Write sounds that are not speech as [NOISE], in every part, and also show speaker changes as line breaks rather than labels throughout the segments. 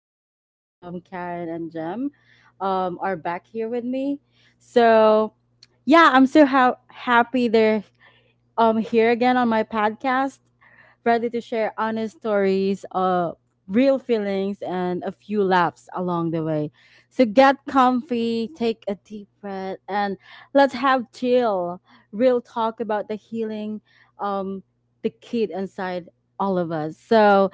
are here. Karen and Jem are back here with me. So, yeah, I'm so happy they're here again on my podcast, ready to share honest stories, real feelings and a few laughs along the way. So get comfy, take a deep breath and let's have chill, real talk about the healing um the kid inside all of us. So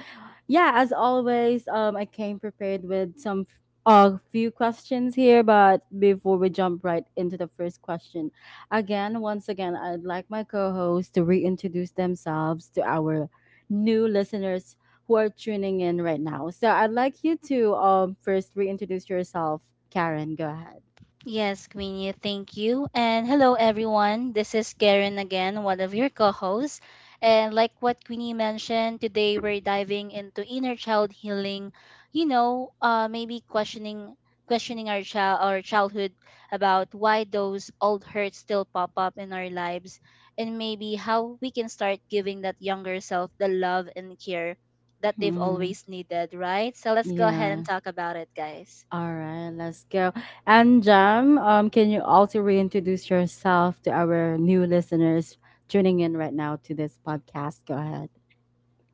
yeah, as always, I came prepared with some a few questions here, but before we jump right into the first question, once again, I'd like my co hosts to reintroduce themselves to our new listeners who are tuning in right now. So I'd like you to first reintroduce yourself. Karen, go ahead.
Yes, Queenie, thank you. And hello, everyone. This is Karen again, one of your co hosts. And like what Queenie mentioned, today we're diving into inner child healing, maybe questioning our childhood about why those old hurts still pop up in our lives, and maybe how we can start giving that younger self the love and care that they've
Mhm.
always needed, right? So let's go ahead and
Yeah.
talk about it, guys.
All right, let's go. And Jam, can you also reintroduce yourself to our new listeners tuning in right now to this podcast? Go ahead.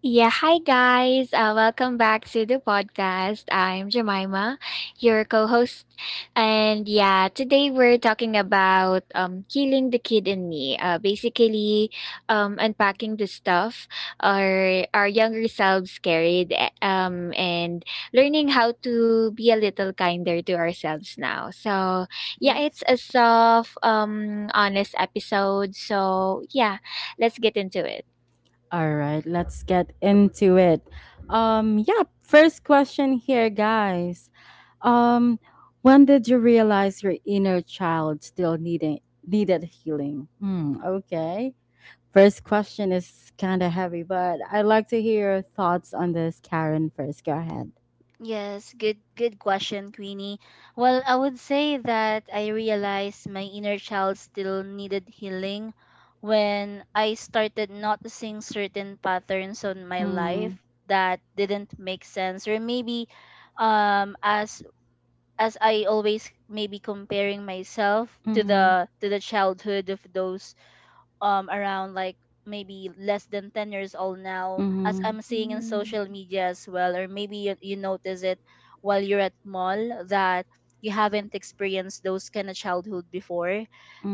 Yeah, hi guys. Welcome back to the podcast. I'm Jemima, your co-host. And yeah, today we're talking about killing the kid in me. Basically unpacking the stuff our younger selves carried and learning how to be a little kinder to ourselves now. So, yeah, it's
Yes.
a soft honest episode. So, yeah, let's get into it.
All right, let's get into it. Yeah, first question here, guys. Um, when did you realize your inner child still needed healing? Hmm, okay. First question is kind of heavy, but I'd like to hear your thoughts on this, Karen. First, go ahead.
Good question, Queenie. Well, I would say that I realized my inner child still needed healing when I started noticing certain patterns on my
Hmm.
life that didn't make sense, or maybe um as as I always maybe comparing myself to
Hmm.
the childhood of those around, like maybe less than 10 years old. Now, as
Hmm.
I'm seeing in social
Mm-hmm.
media as well, or maybe you notice it while you're at mall that you haven't experienced those kind of childhood before.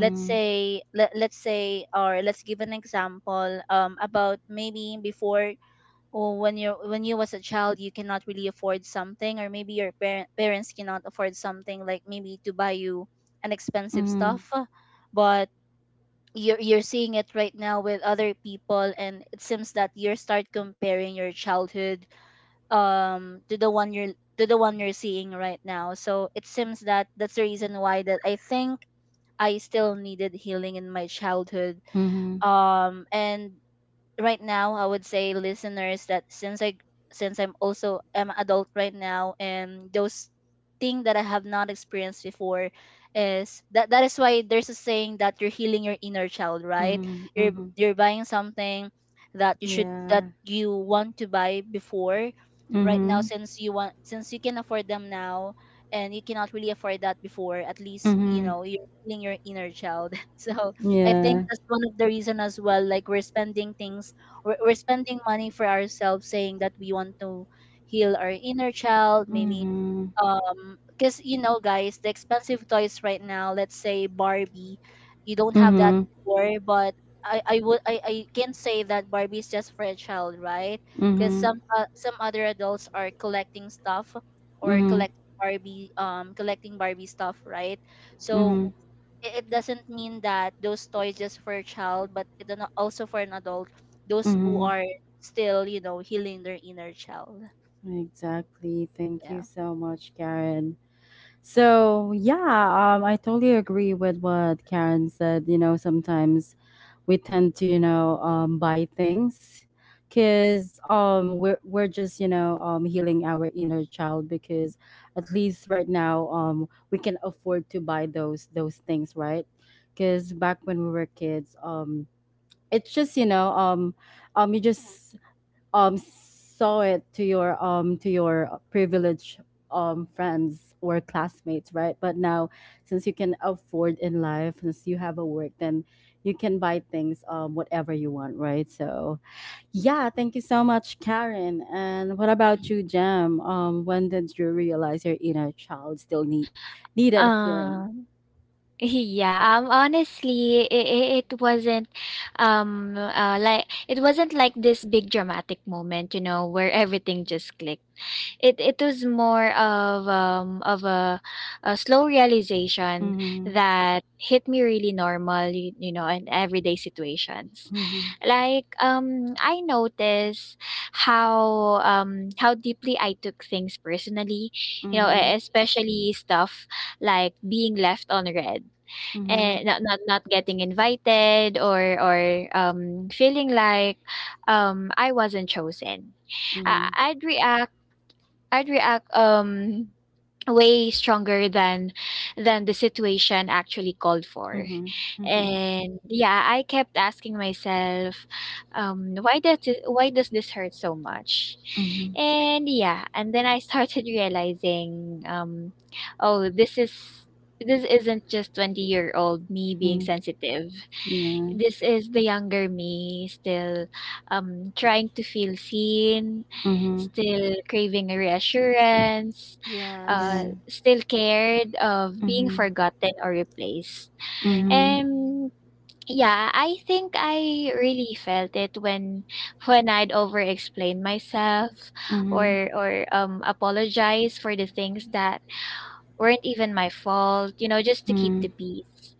Let's say, or let's give an example about maybe before, or when you was a child, you cannot really afford something, or maybe your parents cannot afford something, like maybe to buy you an expensive
Hmm.
stuff. But you're seeing it right now with other people, and it seems that you start comparing your childhood to the one you're to the one you're seeing right now. So it seems that that's the reason why, that I think I still needed healing in my childhood.
Hmm.
And right now, I would say, listeners, that since I'm also am adult right now, and those thing that I have not experienced before, is that that is why there's a saying that you're healing your inner child, right?
Hmm.
you're
Hmm.
you're buying something that you should
Yeah.
that you want to buy before, right now,
Hmm.
since you can afford them now, and you cannot really afford that before. At least, you
Hmm.
know, you're healing your inner child. [LAUGHS] So I think
Yeah.
that's one of the reason as well. Like, we're spending things, we're spending money for ourselves, saying that we want to heal our inner child maybe,
Hmm.
because, you know, guys, the expensive toys right now, let's say Barbie, you don't have that
Hmm.
anymore. But I can say that Barbie is just for a child, right? Because
Mm-hmm.
some other adults are collecting stuff, or
Mm-hmm.
collecting Barbie stuff, right?
Mm-hmm.
So it doesn't mean that those toys just for a child, but it also for an adult, those who
Mm-hmm.
are still, you know, healing their inner child.
Exactly. Thank you
Yeah.
so much, Karen. So yeah, I totally agree with what Karen said. You know, sometimes we tend to, you know, buy things because we're just you know healing our inner child because at least right now we can afford to buy those things, right? Because back when we were kids, it's just you know you just saw it to your privileged friends or classmates, right? But now since you can afford in life, since you have a work, then you can buy things whatever you want, right? So yeah, thank you so much, Karen. And what about you,
Mhm.
Jam? When did you realize your inner child still needed healing?
Um, yeah, honestly, it wasn't, like it wasn't like this big dramatic moment, you know, where everything just clicked. It was more of a slow realization
Mm-hmm,
that hit me really normal, you know, in everyday situations.
mm-hmm,
Like I noticed how deeply I took things personally, you know,
mm-hmm,
especially stuff like being left on red
mm-hmm,
and not getting invited or feeling like I wasn't chosen. I-
mm-hmm,
I'd react I'd react way stronger than the situation actually called for.
mm-hmm, mm-hmm, mm-hmm,
And yeah, I kept asking myself, why does this hurt so much?
mm-hmm.
And yeah, and then I started [LAUGHS] realizing, oh, this isn't just 20-year-old me being sensitive.
Yeah.
This is the younger me still trying to feel seen,
Mm-hmm.
still craving reassurance,
Yeah.
Yes.
still scared of being
Mhm.
forgotten or replaced.
Yeah.
Mhm.
um, yeah, I think I really felt it when I'd over-explain myself
Mhm.
or apologize for the things that weren't even my fault, you know, just to keep the
Mhm.
peace.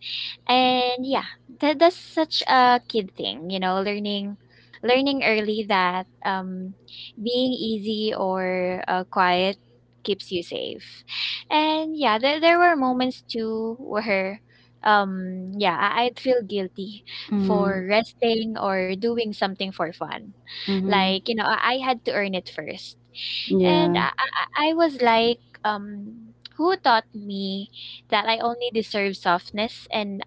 And yeah, that's such a kid thing, you know, learning early that being easy or quiet keeps you safe. And yeah, there were moments too where yeah, I'd feel guilty
Mhm.
for resting or doing something for fun.
Mhm.
Like, you know, I had to earn it first. And
Yeah.
I was like who taught me that I only deserve softness and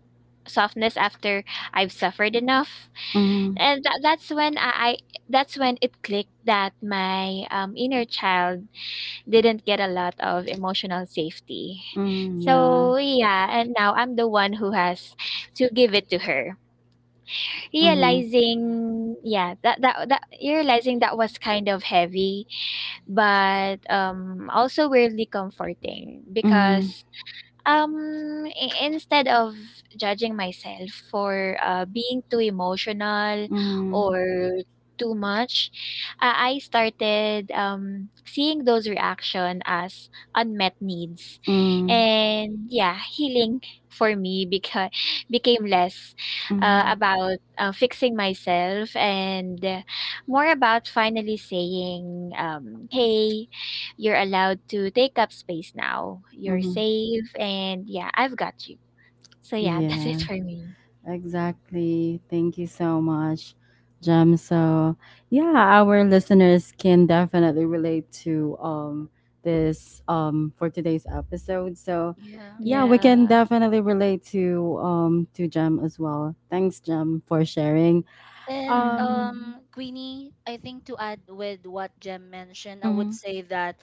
softness after I've suffered enough.
Mhm.
And that's when it clicked that my inner child didn't get a lot of emotional safety.
Mhm. Yeah.
So yeah, and now I'm the one who has to give it to her.
Mhm.
Realizing yeah, that was kind of heavy, but also weirdly comforting
Mhm.
because I instead of judging myself for, being too emotional
Mhm.
or too much, I started, seeing those reaction as unmet needs.
Mhm.
And yeah, healing for me because became less,
Mhm.
about, fixing myself and more about finally saying, "Hey, you're allowed to take up space now. You're
Mhm.
safe and yeah, I've got you." So yeah, [LAUGHS] that's it
Yeah.
for me.
Exactly. Thank you so much, Jem. So, yeah, our listeners can definitely relate to this for today's episode. So,
Yeah.
yeah, we can
Yeah.
definitely relate to Jem as well. Thanks, Jem, for sharing.
And
Um.
Mhm.
Queenie, I think to add with what Jem mentioned, I would
Mhm.
say that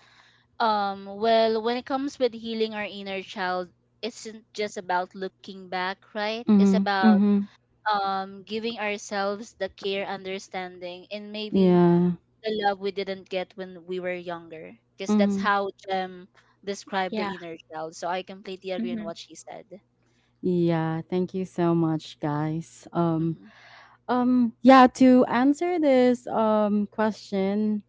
well, when it comes with healing our inner child, it's not just about looking back, right? It's
Mhm.
about
Mhm.
giving ourselves the care, understanding, and maybe
Yeah.
the love we didn't get when we were younger, because that's
Mhm.
how Jem described the
Yeah.
inner child. So I completely agree on
Mhm.
what she said.
Yeah, thank you so much, guys.
Hmm.
Yeah, to answer this question,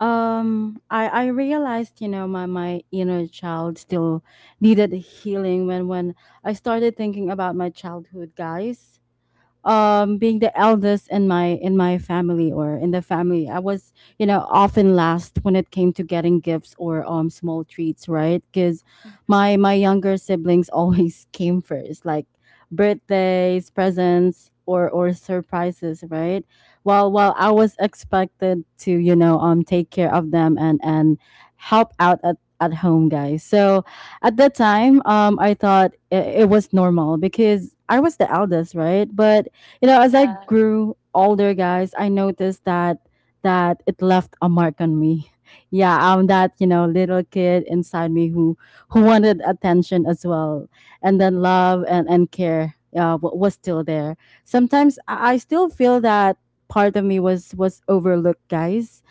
I realized, you know, my inner child still needed healing when I started thinking about my childhood, guys. Being the eldest in my family, or in the family, I was, you know, often last when it came to getting gifts or small treats, right? Because
Hmm.
my younger siblings always [LAUGHS] came first, like birthdays, presents, or surprises, right? While I was expected to, you know, take care of them and help out at home, guys. So at that time, I thought it was normal because I was the eldest, right? But you know, as I
Yeah.
grew older, guys, I noticed that it left a mark on me. [LAUGHS] Yeah, I'm that, you know, little kid inside me who wanted attention as well. And then love and care was still there. Sometimes I still feel that part of me was overlooked, guys.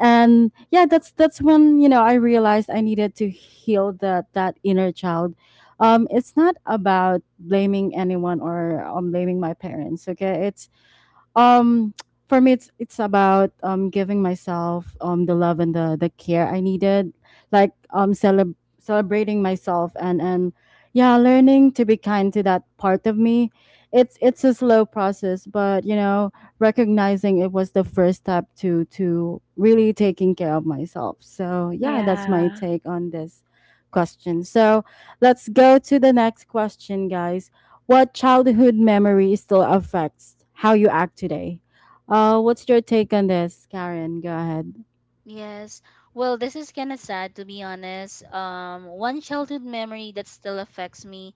And yeah, that's when, you know, I realized I needed to heal that inner child. It's not about blaming anyone or blaming my parents. Okay, it's um, for me, it's about giving myself the love and the care I needed, like celebrating myself and yeah, learning to be kind to that part of me. It's a slow process, but you know, recognizing it was the first step to really taking care of myself. So yeah, that's my
Yeah.
take on this question. So let's go to the next question, guys. What childhood memory still affects how you act today? What's your take on this, Karen? Go ahead.
Yes. Well, this is kind of sad, to be honest. One childhood memory that still affects me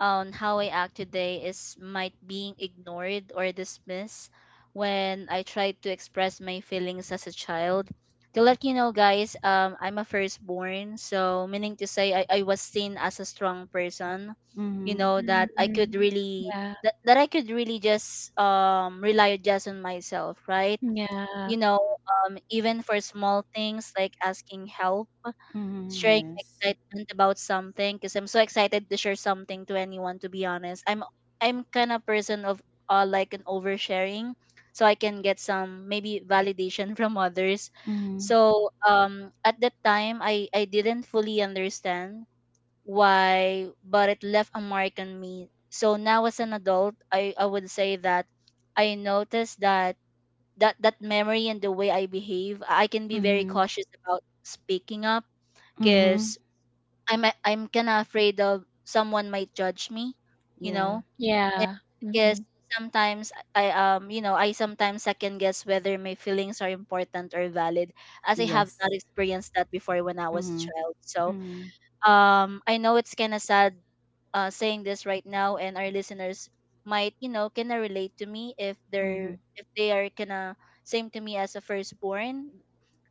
on how I act today is might being ignored or dismissed when I tried to express my feelings as a child. To let you know, guys, I'm a firstborn, so meaning to say I was seen as a strong person. You
Mm-hmm.
know that I could
Mhm.
really,
Yeah.
that I could really just rely just on myself, right?
Yeah.
You know, even for small things, like asking help,
Mm-hmm.
sharing my
Yes.
excitement about something, because I'm so excited to share something to anyone, to be honest. I'm kind of person of like an oversharing, so I can get some maybe validation [LAUGHS] from others.
Mm-hmm.
So at that time, I didn't fully understand why, but it left a mark on me. So now, as an adult, I would say that I noticed that, that that memory and the way I behave, I can be very
Mm-hmm.
cautious about speaking up,
Mm-hmm.
cause I'm kind of afraid of someone might judge me, you
Yeah.
know,
Yeah.
because
Mhm.
sometimes I, I sometimes second guess whether my feelings are important or valid, as I have not
Yes.
experienced that before when I was a
Mm-hmm.
child. So
Mm-hmm.
I know it's kind of sad saying this right now, and our listeners might, you know, kind of relate to me if
Mm-hmm.
they're if they are kind of same to me as a firstborn.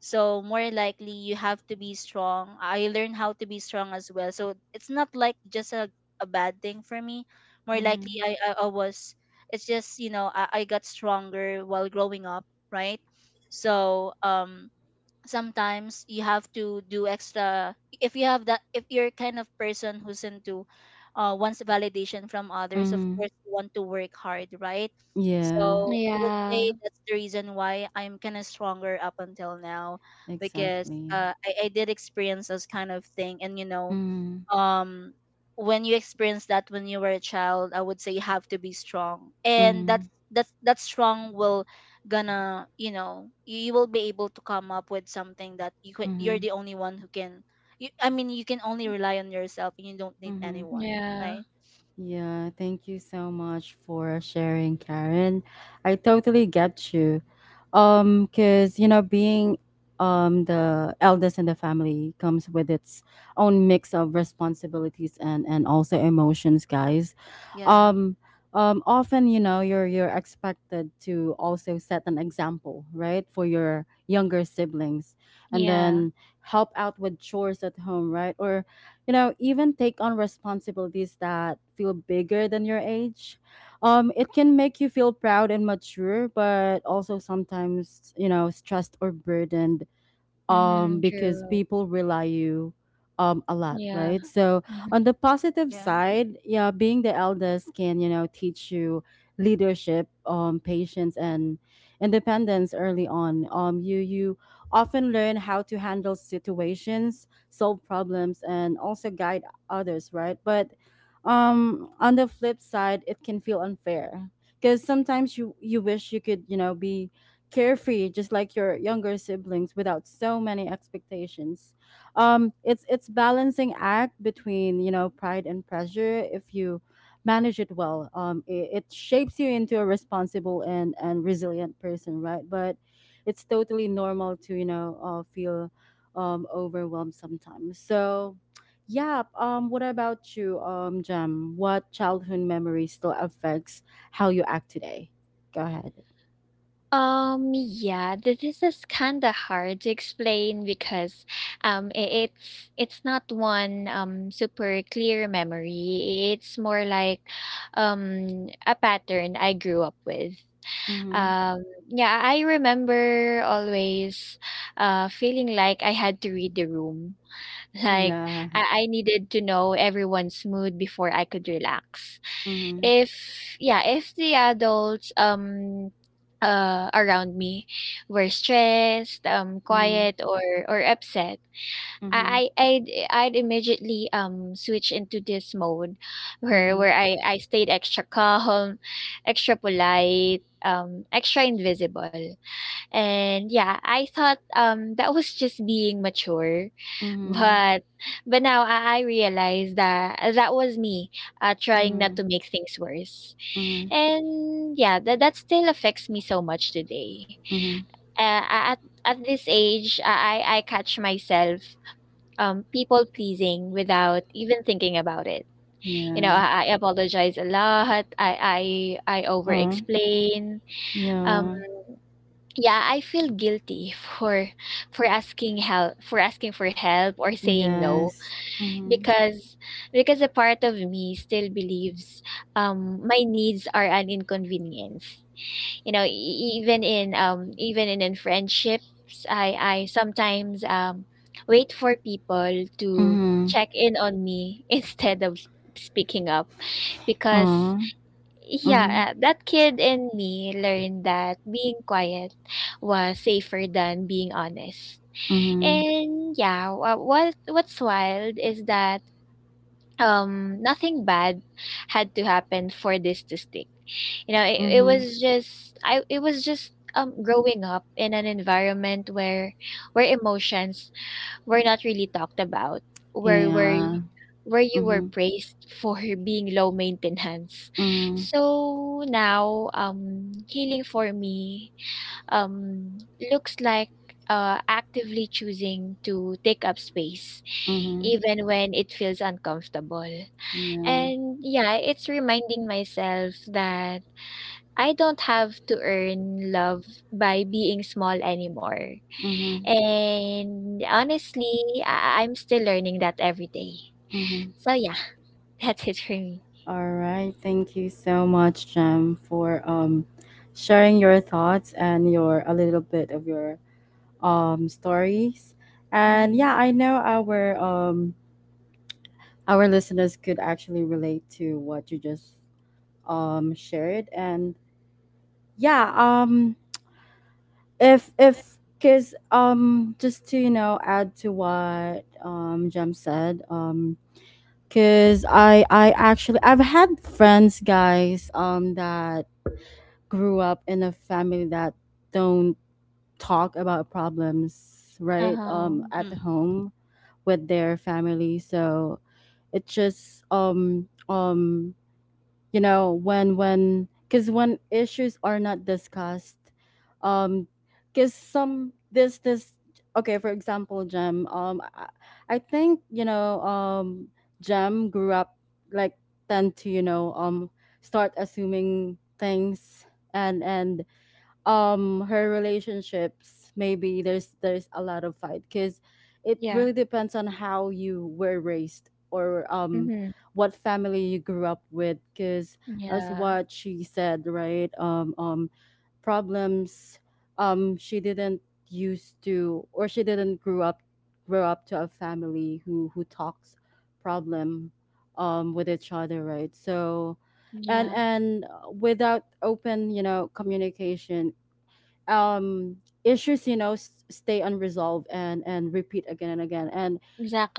So more likely you have to be strong. I learned how to be strong as well. So it's not like just a bad thing for me. More
Mm-hmm.
likely I was, it's just, you know, I got stronger while growing up, right? So sometimes you have to do extra if you have that if you're kind of person who's into wants validation from others. Of
Mm-hmm.
course you want to work hard, right?
Yeah.
So I would
Yeah.
say that's the reason why I'm kind of stronger up until now, because
Exactly.
I did experience those kind of thing, and you know,
Mm-hmm.
um when you experience that when you were a child, I would say you have to be strong, and
Mm-hmm.
that's that strong will gonna, you know, you will be able to come up with something that you're
Mm-hmm.
the only one who can, I mean, you can only rely on yourself and you don't need
Mm-hmm.
anyone,
Yeah.
right?
Yeah, thank you so much for sharing, Karen. I totally get you. Cause you know, being the eldest in the family comes with its own mix of responsibilities and also emotions, guys.
Yeah.
Um, often, you know, you're expected to also set an example, right, for your younger siblings, and
Yeah.
then help out with chores at home, right, or you know, even take on responsibilities that feel bigger than your age. It can make you feel proud and mature, but also sometimes, you know, stressed or burdened,
Mhm.
because
True.
people rely you a lot,
Yeah.
right? So on the positive
Yeah.
side, yeah, being the eldest can, you know, teach you leadership, patience, and independence early on. You often learn how to handle situations, solve problems, and also guide others, right? But on the flip side, it can feel unfair because sometimes you wish you could, you know, be carefree just like your younger siblings without so many expectations. It's balancing act between, you know, pride and pressure. If you manage it well, it shapes you into a responsible and resilient person, right? But it's totally normal to, you know, feel overwhelmed sometimes. So yeah, what about you, Jam? What childhood memory still affects how you act today? Go ahead.
Yeah, this is just kind of hard to explain because um i- it's not one super clear memory. It's more like a pattern I grew up with. Um yeah, I remember always feeling like I had to read the room. [LAUGHS] Like
Yeah.
I needed to know everyone's mood before I could relax.
Mhm.
If yeah, if the adults around me were stressed,
Mhm.
quiet or upset,
Mhm.
I'd immediately switch into this mode where
Mhm.
I stayed extra calm, extra polite, extra invisible. And yeah, I thought that was just being mature,
Mhm.
but but now I realize that that was me trying not to
Mhm.
make things worse.
Mhm.
And yeah, that still affects me so much today.
Mhm.
Uh, at this age, I catch myself people pleasing without even thinking about it. You know,
Yeah.
I apologize a lot. I over
Oh.
explain. Um,
Yeah.
yeah, I feel guilty [LAUGHS] for asking for help or saying no
Yes. Mhm.
because because a part of me still believes my needs are an inconvenience. You know, even in friendships, I sometimes wait for people to
Mhm.
check in on me [LAUGHS] instead of speaking up because
Oh. Mhm.
yeah, that kid in me learned that being quiet was safer than being honest.
Mhm.
And yeah, what's wild is that nothing bad had to happen for this to stick. You know, it
Mhm.
was just I it was just growing up in an environment where emotions were not really talked about, where where y-
Yeah.
where you were
Mhm.
praised for [LAUGHS] being low maintenance.
Mhm.
So now healing for me um looks like actively choosing to take up space
Mhm.
even when it feels uncomfortable.
Yeah.
And yeah, it's reminding myself that I don't have to earn love by being small anymore.
Mhm.
And honestly, I'm still learning that every day.
Mhm.
So yeah, [LAUGHS] that's it for me.
All right. Thank you so much, Jem, for sharing your thoughts and your a little bit of your stories. And yeah,
Mhm.
I know our listeners could actually relate to what you just shared. And yeah, if because just to you know add to what Jem said, because I actually, I've had friends, guys, that grew up in a family that don't talk about problems, right,
Uh-huh.
at
Mm.
home with their family. So it just you know, when because when issues are not discussed, um because some this this okay, for example, Jem, I think you know Jem grew up like tend to, you know, start assuming things and her relationships, maybe there's a lot of fight because it really
Yeah.
depends on how you were raised or
Mm-hmm.
what family you grew up with. Because as
Yeah.
what she said, right, problems she didn't used to or she didn't grew up grow up to a family who talks problem with each other, right? So
Yeah.
and without open, you know, communication, um issues, you know, stay unresolved and repeat again and again. And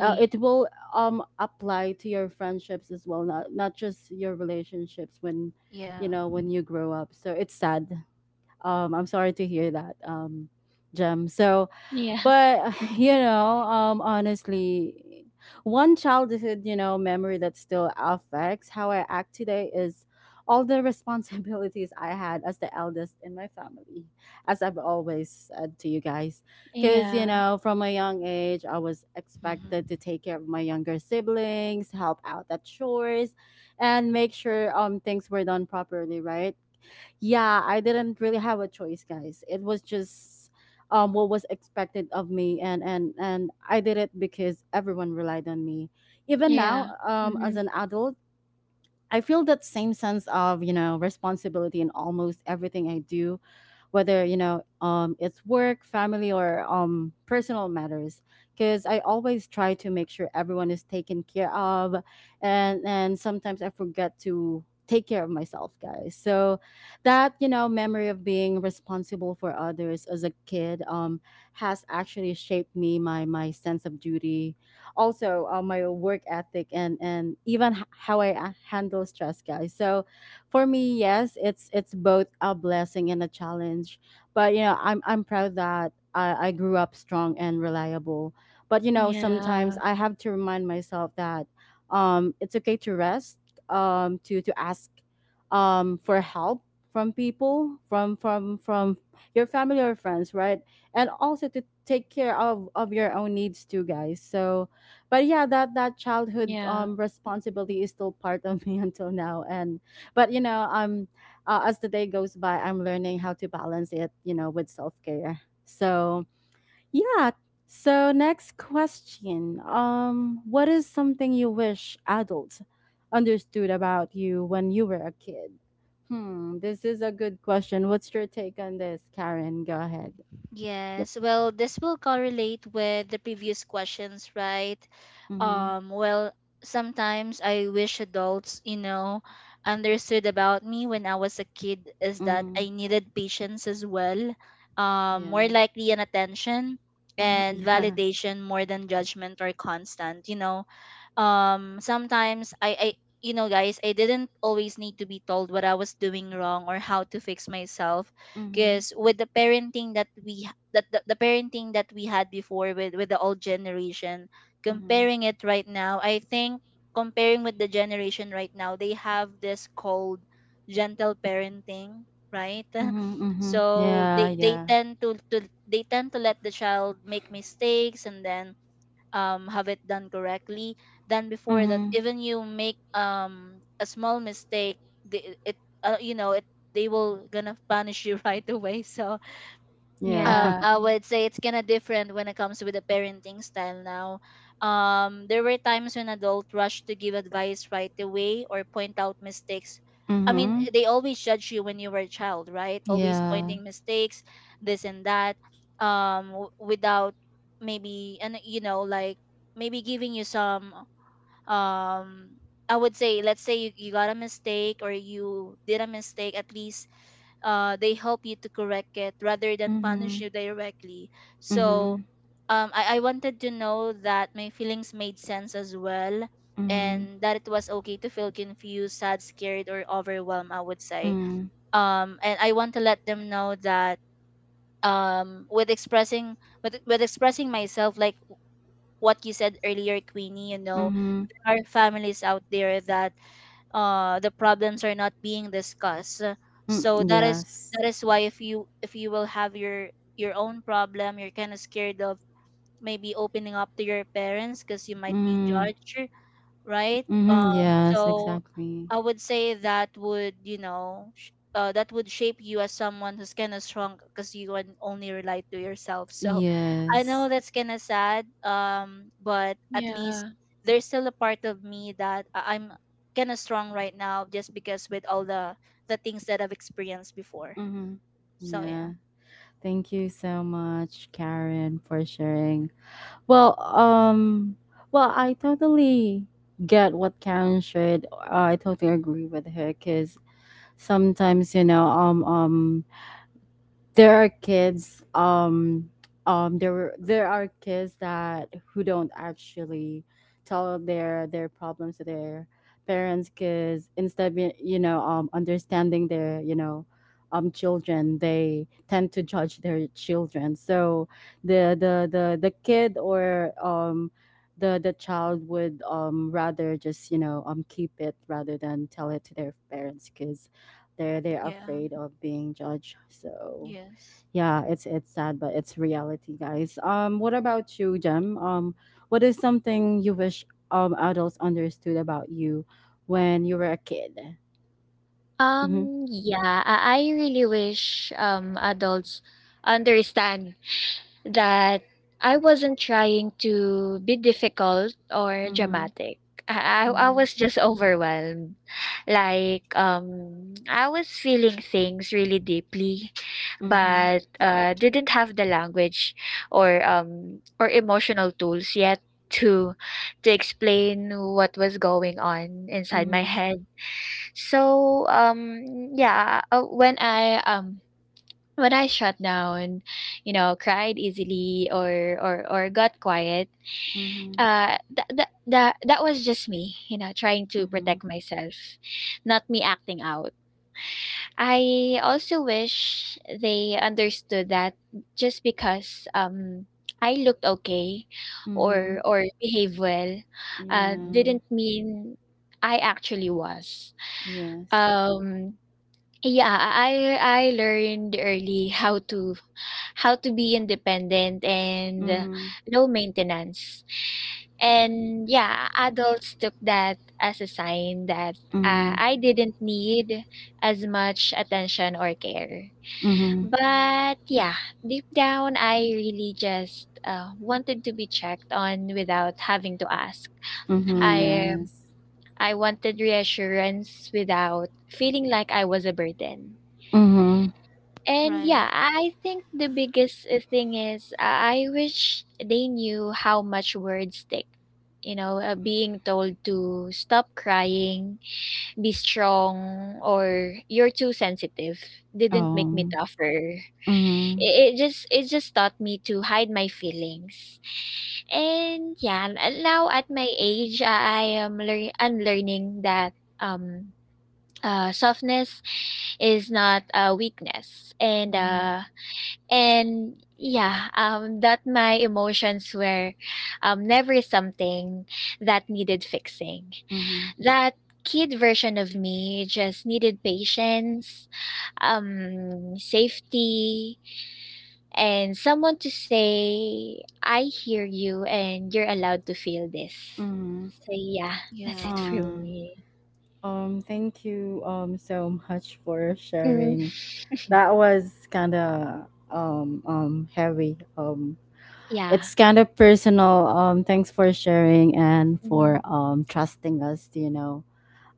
it will apply to your friendships as well, not just your relationships when
Yeah.
you know when you grow up. So it's sad. I'm sorry to hear that, Gem. So
Yeah.
but [SIGHS] you
[LAUGHS]
know, honestly, one childhood, you know, memory that still affects how I act today is all the [LAUGHS] responsibilities I had as the eldest in my family, as I've always said to you guys. Because, you
Yeah.
know, from a young age, I was expected to
Hmm.
take care of my younger siblings, help out at chores, and make sure things were done properly, right? Yeah, I didn't really have a choice, guys. It was just what was expected of me, and and I did it because everyone relied on me. Even now,
Yeah.
as
Mm-hmm.
an adult, I feel that same sense of, you know, responsibility in almost everything I do, whether you know, it's work, family, or personal matters. Because I always try to make sure everyone is taken care of, and sometimes I forget to take care of myself, guys. So that, you know, memory of being responsible for others as a kid has actually shaped me, my sense of duty, also my work ethic, and how I handle stress, guys. So for me, yes, it's both a blessing and a challenge. But you know, I'm proud that I grew up strong and reliable. But you know, sometimes
Yeah.
I have to remind myself that it's okay to rest, to ask for help from people, from your family or friends, right? And also to take care of your own needs too, guys. So, but yeah, that childhood
Yeah.
responsibility is still part of me [LAUGHS] until now, and but as the day goes by, I'm learning how to balance it, you know, with self-care. So yeah. So next question, what is something you wish adults understood about you when you were a kid? Hmm, this is a good question. What's your take on this, Karen? Go ahead. Yep.
Yes, well, this will correlate with the previous questions, right?
Mm-hmm.
Well, sometimes I wish adults, you know, understood about me when I was a kid is that
Mm-hmm.
I needed patience as well, more
Yeah.
likely an attention
Mm-hmm.
and
[LAUGHS] Yeah.
validation more than judgment or constant, you know. Um sometimes i i you know, guys, I didn't always need to be told what I was doing wrong or how to fix myself,
Mm-hmm.
because with the parenting that that the parenting that we had before, with the old generation,
Mm-hmm.
comparing it right now, I think comparing with the generation right now, they have this called gentle parenting, right?
Mm-hmm.
[LAUGHS]
Mm-hmm.
So
Yeah,
they
yeah.
tend to they tend to let the child make mistakes and then have it done correctly, than before that
Mm-hmm.
even you make a small mistake, the, it you know, it, they will gonna punish you [LAUGHS] right away. So
Yeah.
Yeah.
[LAUGHS]
I would say it's kind of different when it comes with the parenting style now. There were times when adults rushed to give advice right away or point out mistakes. I mean,
Mm-hmm.
they always judge you when you were a child, right? Always
Yeah.
pointing mistakes, this and that, without maybe, and you know, like, maybe giving you some um. I would say, let's say you got a mistake, or you did a mistake, at least they help you to correct it rather than punish
Mhm.
you directly. So
Mhm.
I wanted to know that my feelings made sense as well,
Mhm.
and that it was okay to feel confused, sad, scared, or overwhelmed, I would say.
Mm.
And I want to let them know that um, with expressing with expressing myself, like what you said earlier, Queenie, you know,
Mhm.
there are families out there that the problems are not being discussed.
Mm.
So that is,
Yes.
that is why if you will have your own problem, you're kind of scared of maybe opening up to your parents, because you might be
Mm.
judged, right?
Mhm. Yes.
So
Exactly.
I would say that would, you know, that would shape you as someone who's kind of strong, because you can only relate to yourself. So I
Yes.
know that's kind of sad, but at least
Yeah.
there's still a part of me that I'm kind of strong right now, just because with all the things that I've experienced before.
Mhm.
So yeah.
Yeah. Thank you so much, Karen, for sharing. Well, um, well, I totally get what Karen shared. I totally agree with her because sometimes, you know, there are kids there were there are kids that who don't actually tell their problems to their parents because instead of, you know, understanding their, you know, children, they tend to judge their children. So the kid or the child would rather just, you know, keep it rather than tell it to their parents because they're
Yeah.
afraid of being judged. So
Yes.
yeah, it's sad, but it's reality, guys. What about you, Jem? What is something you wish adults understood about you when you were a kid? Mm-hmm.
Yeah, I really wish adults understand that I wasn't trying to be difficult or
Mm-hmm.
dramatic. I
Mm-hmm.
was just overwhelmed. Like I was feeling things really deeply
Mm-hmm.
but didn't have the language or emotional tools yet to to explain what was going on inside my
Mm-hmm.
head. So yeah, when I shut down, you know, cried easily or got quiet,
Mm-hmm.
that was just me, you know, trying to
Mm-hmm.
protect myself, not me acting out. I also wish they understood that just because I looked okay
Mm-hmm.
or behaved well,
Yeah.
didn't mean I actually was.
Yes.
Um, yeah, I learned early how to be independent and
Mm-hmm.
low maintenance. And yeah, adults took that as a sign that
Mm-hmm.
I didn't need as much attention or care.
Mm-hmm.
But yeah, deep down, I really just wanted to be checked on without having to ask.
Mm-hmm.
I
Yeah.
um,
Yes.
I wanted reassurance without feeling like I was a burden.
Mm-hmm.
And
Right.
yeah, I think the biggest thing is I wish they knew how much words stick. You know, being told to stop crying, be strong, or you're too sensitive didn't make me
Um.
tougher.
Mm-hmm.
It just taught me to hide my feelings. And yeah, now at my age, I am unlearning that um softness is not a weakness
Mm-hmm.
and yeah, that my emotions were never something that needed fixing.
Mm-hmm.
That kid version of me just needed patience, safety, and someone to say, "I hear you and you're allowed to feel this."
Mm-hmm.
So yeah, [LAUGHS] that's
Yeah.
it for
uh,
me.
Thank you so much for
Mm,
sharing. That was kind of heavy. It's
yeah.
kind of personal. Thanks for sharing and for
Hmm.
trusting us to, you know,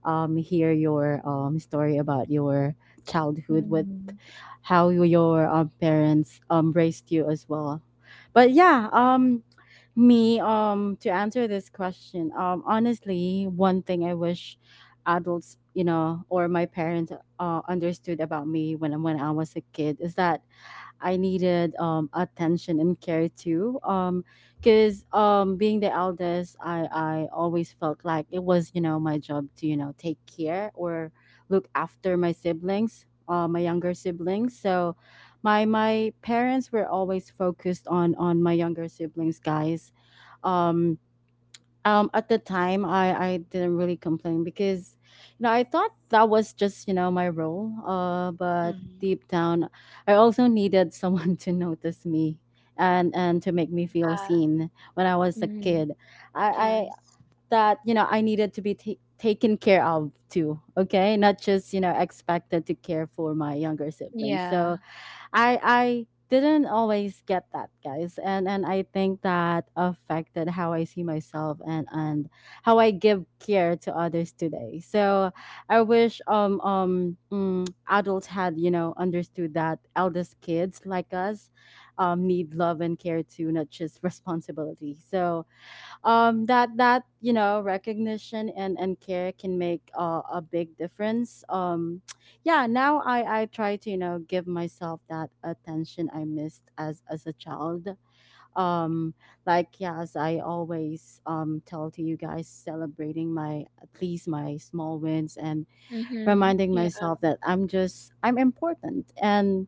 hear your story about your childhood, with
Hmm.
how your parents raised you as well. But yeah, um, me, to answer this question, honestly, one thing I wish adults, you know, or my parents understood about me when I was a kid is that I needed attention and care too. Because being the eldest, I always felt like it was, you know, my job to, you know, take care or look after my siblings, my younger siblings. So, my parents were always focused on my younger siblings, guys, um at the time, I didn't really complain because, you know, I thought that was just, you know, my role. Uh, but
Hmm.
deep down, I also needed someone [LAUGHS] to notice me and to make me feel
Uh,
seen when I was a
hmm.
kid. I I
Yes.
That, you know, I needed to be taken care of too, okay, not just, you know, expected to care for my younger siblings. So
Yeah.
I didn't always get that, guys, and I think that affected how I see myself and how I give care to others today. So I wish adults had, you know, understood that eldest kids like us need love and care too, not just [LAUGHS] responsibility. So that, you know, recognition and care can make a big difference. Um [TSK] yeah, now I try to, you know, give myself that attention I missed as a child. Um, like yeah, as I always tell to you guys, celebrating my at least my small wins and
Hmm,
reminding
yeah,
myself that I'm important. And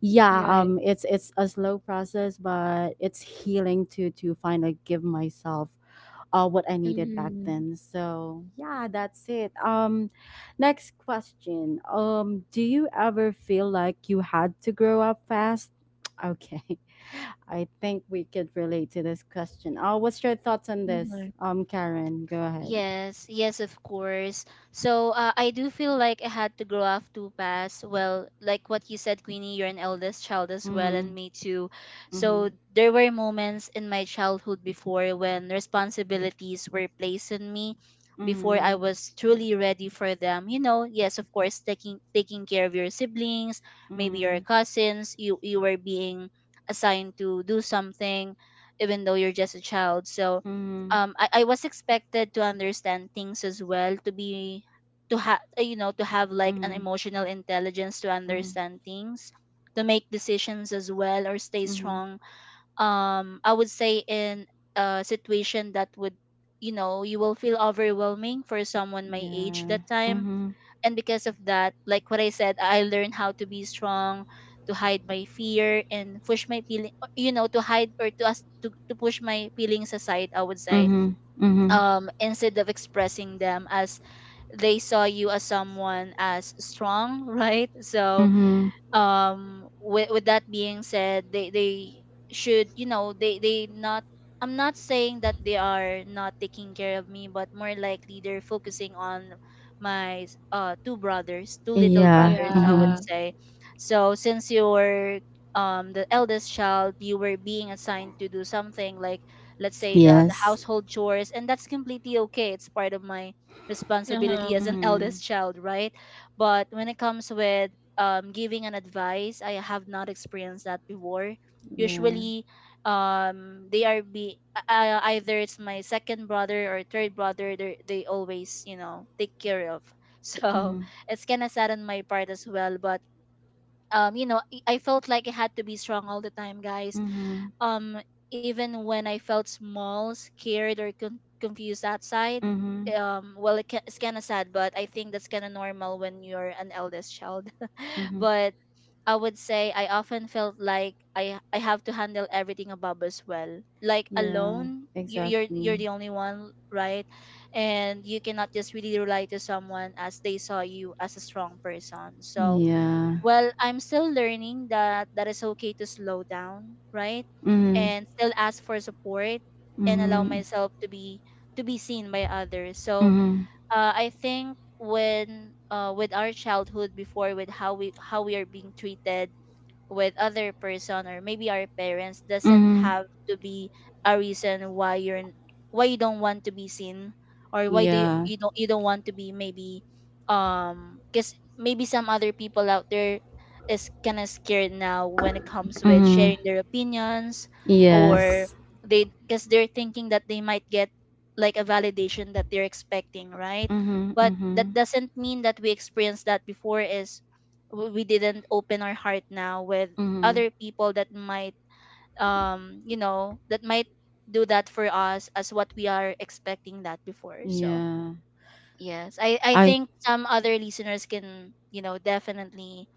yeah,
you're
um, it's a slow process, but it's healing to finally give myself what I needed back
Mhm,
then. So yeah, that's it. Next question. Do you ever feel like you had to grow up fast? [TSK] Okay, [LAUGHS] I think we could relate to this question. What's your thoughts on this?
mhm.
Karen, go ahead.
Yes, yes, of course. So I do feel like I had to grow up too fast. Well, like what you said, Queenie, you're an eldest child as well, and
Mm-hmm.
me too. So
Mm-hmm.
there were moments in my childhood before when responsibilities were placed on me before I
Mm-hmm.
was truly ready for them. You know, yes, of course, taking care of your siblings, maybe your
Mm-hmm.
cousins. You were being assigned to do something, even though you're just a child. So I was expected to understand things as well, to be to have to have like an
Mm-hmm.
emotional intelligence to
Mm-hmm. Mm-hmm.
understand things, to make decisions as well or stay
Mm-hmm.
strong. I would say in a situation that would, you will feel overwhelming for someone my age
Yeah.
that time.
Mm-hmm.
And because of that, like what I said, I learned how to be strong, to hide my fear and push my feeling, to hide or to push my feelings aside, I would say.
Mm-hmm. Mm-hmm.
Instead of expressing them, as they saw you as someone as strong, [LAUGHS] right? So
Mm-hmm.
with that being said, they should, they not, I'm not saying that they are not taking care of me, but more likely they're focusing on my two brothers, two little
Yeah.
brothers, I would
Mm-hmm.
Yeah.
say. So since you were the eldest child, you were being assigned to do something like, let's say, the
Yes.
household chores. And that's completely okay, it's part of my responsibility as
Uh-huh.
an [LAUGHS]
Mm-hmm.
eldest child, right? But when it comes with, giving an advice, I have not experienced that before.
Yeah.
Usually, they are be either it's my second brother or third brother. They always, take care of. [LAUGHS] So
Mm-hmm.
it's kind of sad on my part as well. But um, you know, I felt like I had to be strong all the time, guys.
Mm-hmm.
Um, Even when I felt small, scared, or confused outside.
Mm-hmm.
Well, it's kind of sad, but I think that's kind of normal when you're an eldest child. [LAUGHS]
Mm-hmm.
But I would say I often felt like I have to handle everything above as well. Like
Yeah.
alone, you're
Exactly.
the only one, right? And you cannot just really rely to someone, as they saw you as a strong person. So
Yeah.
well, I'm still learning that is okay to slow down, right?
Mm-hmm.
And still ask for support, and allow
Mm-hmm.
myself to be seen by others. So
Mm-hmm.
I think when with our childhood before, with how we are being treated with other person or maybe our parents, doesn't
Mm-hmm.
have to be a reason why why you don't want to be seen, or why do you,
Yeah.
you don't, you don't want to be, maybe because maybe some other people out there is kind of scared now when it comes with
Mm-hmm.
sharing their opinions. Or
Yes.
they, because they're thinking that they might get like a validation that they're expecting, right?
Mm-hmm.
But that
Mm-hmm.
doesn't mean that we experienced that before is, we didn't open our heart now with
Mm-hmm.
other people that might that might do that for us as what we are expecting that before. So
Yeah.
yes, I
I
think some other listeners can, definitely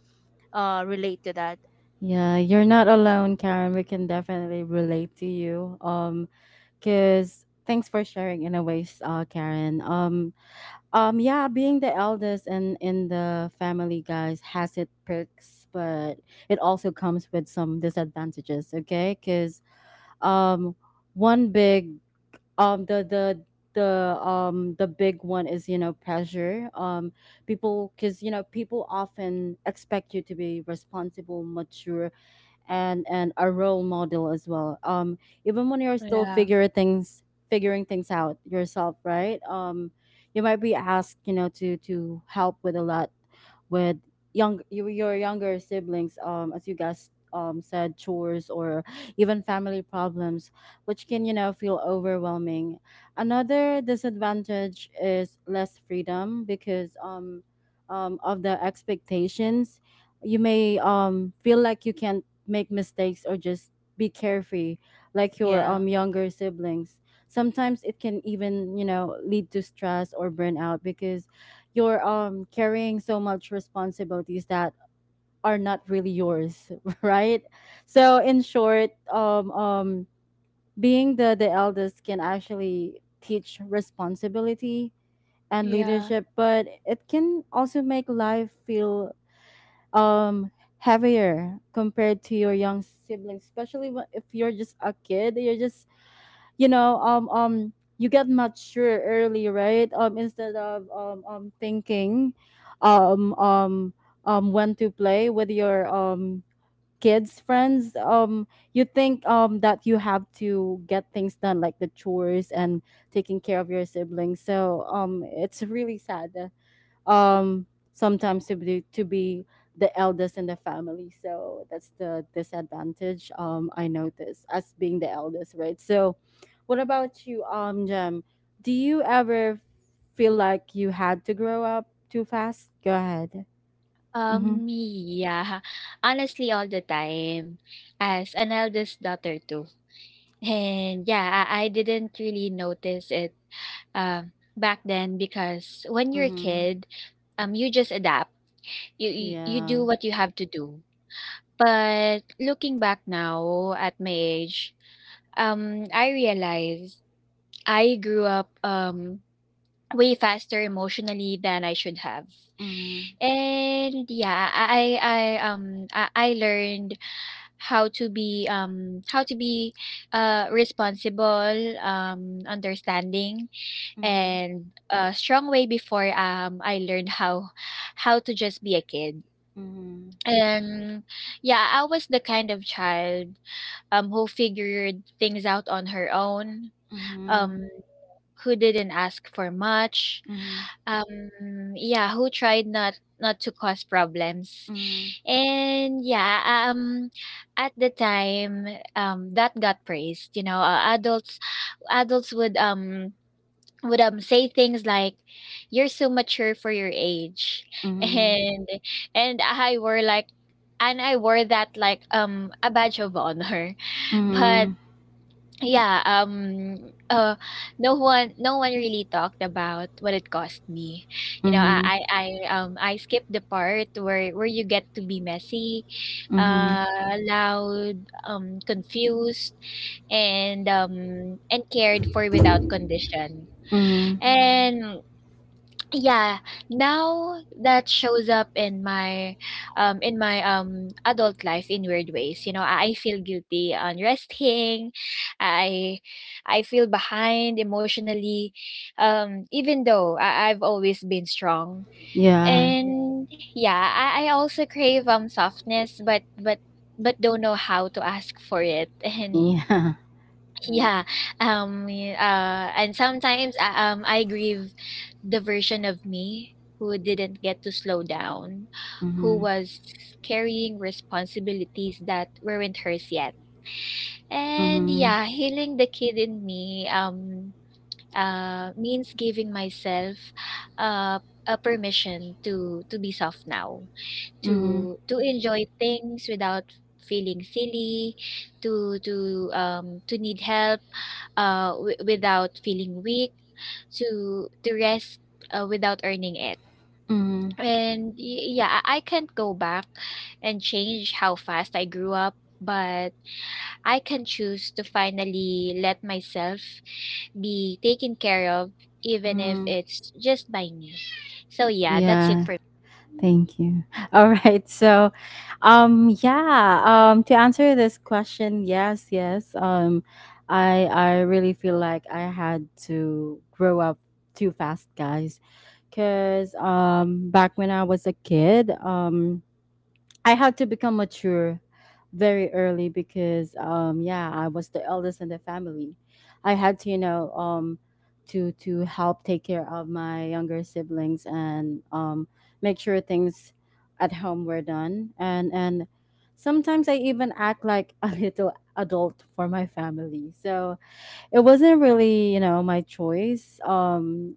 relate to that.
yeah, you're not alone, Karen. We can definitely relate to you. Cause thanks for sharing in a ways, Karen. Um, yeah, being the eldest and in the family, guys, has its perks, but it also comes with some disadvantages. Okay, because um, one big um the the the big one is, you know, pressure, um, people, because you know, people often expect you to be responsible, mature, and a role model as well. Even when you're still
Yeah.
figuring things out yourself, right? You might be asked, you know, to help with a lot with your younger siblings, as you guys said, chores or even family problems, which can, you know, feel overwhelming. Another disadvantage is less freedom because of the expectations. You may feel like you can't make mistakes or just be carefree like your
Yeah.
younger siblings. Sometimes it can even, you know, lead to stress or burnout because you're carrying so much responsibilities that are not really yours, [LAUGHS] right? So in short, being the eldest can actually teach responsibility and
Yeah.
leadership, but it can also make life feel um heavier compared to your young siblings, especially if you're just a kid. You're just, you know, you get mature early, right? Um, instead of, thinking um um when to play with your kids friends, you think that you have to get things done like the chores and taking care of your siblings. So um, it's really sad, um, sometimes to be the eldest in the family. So that's the disadvantage I notice as being the eldest, right? So what about you, um, Jem? Do you ever feel like you had to grow up too fast? Go ahead. Mm-hmm.
Yeah. Honestly, all the time, as an eldest daughter too. And yeah, I didn't really notice it back then because when you're a
Mm-hmm.
kid, you just adapt. You do
Yeah.
what you have to do. But looking back now at my age, I realize I grew up way faster emotionally than I should have.
Mm-hmm.
And yeah, I learned how to be responsible, understanding
Mm-hmm.
and a strong way before I learned how to just be a kid.
Mm-hmm.
And yeah, I was the kind of child who figured things out on her own, um who didn't ask for much,
Mm-hmm.
yeah, who tried not to cause problems.
Mm-hmm.
And yeah, at the time, that got praised. You know, adults would say things like "you're so mature for your age." [LAUGHS]
Mm-hmm. Mm-hmm.
And and I were like and I wore that like a badge of honor. [LAUGHS] But
Mm-hmm.
yeah, no one really talked about what it cost me. You know,
Mm-hmm.
I skipped the part where you get to be messy,
Mm-hmm.
uh, loud, confused, and um, and cared for without condition.
Mm-hmm.
Mm-hmm. And yeah, now that shows up in my adult life in weird ways. You know, I feel guilty on resting. I I feel behind emotionally even though I've always been strong. Yeah.
Yeah.
And yeah, I also crave softness but don't know how to ask for it. [LAUGHS] and.
Yeah. [LAUGHS]
Yeah, um, and sometimes, I grieve the version of me who didn't get to slow down, who
Mm-hmm.
was carrying responsibilities that weren't hers yet. And
Mhm.
yeah, healing the kid in me, means giving myself, uh, a permission to be soft now,
Mhm.
to enjoy things without feeling silly, to need help, without feeling weak, to rest without earning it.
Mhm.
And yeah, I can't go back and change how fast I grew up, but I can choose to finally let myself be taken care of, even if
Mm.
it's just by me. So yeah, that's it
Yeah.
for me.
Thank you. [LAUGHS] All right. So, yeah. To answer this question, yes, yes. I really feel like I had to grow up too fast, guys, because back when I was a kid, I had to become mature very early because yeah, I was the eldest in the family. I had to, you know, to help take care of my younger siblings and make sure things at home were done and sometimes I even act like a [LAUGHS] little adult for my family. So it wasn't really, you know, my choice. Um,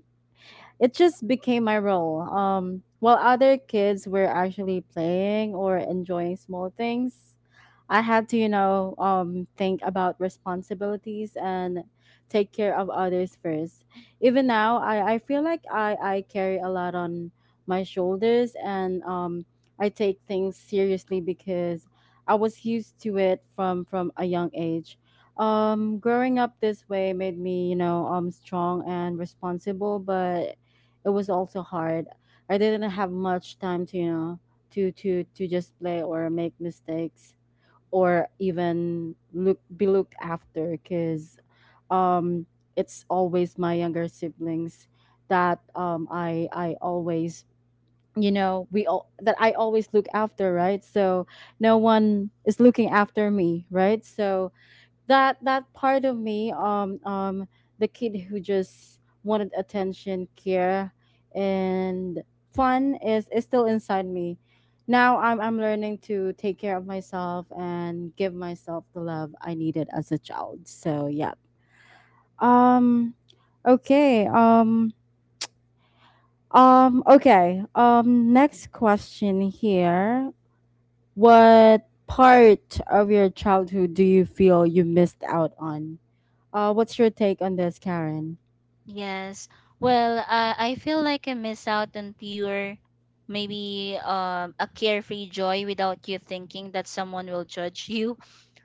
it just became my role. While other kids were actually playing or enjoying small things, I had to, you know, think about responsibilities and take care of others first. Even now, I feel like I carry a lot on my shoulders and I take things seriously because I was used to it from a young age. Growing up this way made me, you know, strong and responsible, but it was also hard. I didn't have much time to, you know, to just play or make mistakes or even look be looked after, because um, it's always my younger siblings that I always, you know, we all that I always look after, right? So no one is looking after me, right? So that part of me, the kid who just wanted attention, care, and fun, is still inside me. Now I'm learning to take care of myself and give myself the love I needed as a child. So yeah. um okay um okay, um, next question here. What part of your childhood do you feel you missed out on? What's your take on this, Karen?
Yes. Well, I feel like I miss out on pure, maybe a carefree joy without you thinking that someone will judge you.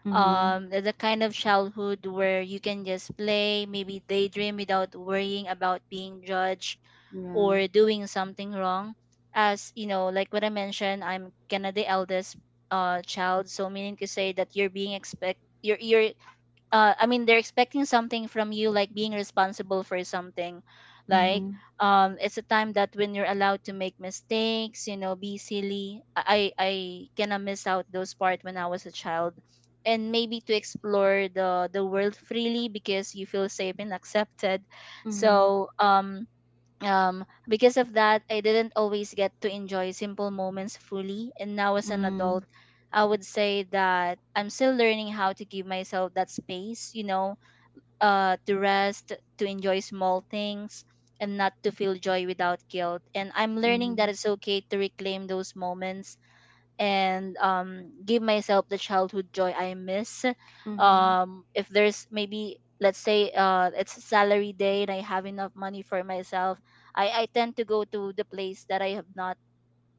Mm-hmm.
The kind of childhood where you can just play, maybe daydream, without worrying about being judged
Yeah.
or doing something wrong. As like what I mentioned, I'm kind of the eldest child. So meaning to say that you're I mean, they're expecting something from you, like being responsible for something. Like,
Mm-hmm.
it's a time that when you're allowed to make mistakes, be silly. I kind of miss out those part when I was a child, and maybe to explore the world freely because you feel safe and accepted.
Mm-hmm.
So because of that, I didn't always get to enjoy simple moments fully. And now as an
Mm-hmm.
adult, I would say that I'm still learning how to give myself that space, to rest, to enjoy small things, and not to feel joy without guilt. And I'm learning that
Mm-hmm.
it's okay to reclaim those moments, and give myself the childhood joy I miss.
Mm-hmm.
If there's maybe, let's say, it's salary day and I have enough money for myself, I tend to go to the place that I have not,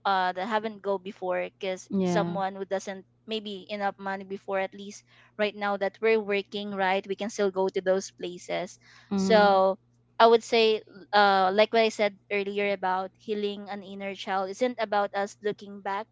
that I haven't go before. Because
Yeah.
someone who doesn't maybe enough money before, at least right now that we're working, right, we can still go to those places.
Mm-hmm.
So I would say, like what I said earlier, about healing an inner child isn't about us looking back.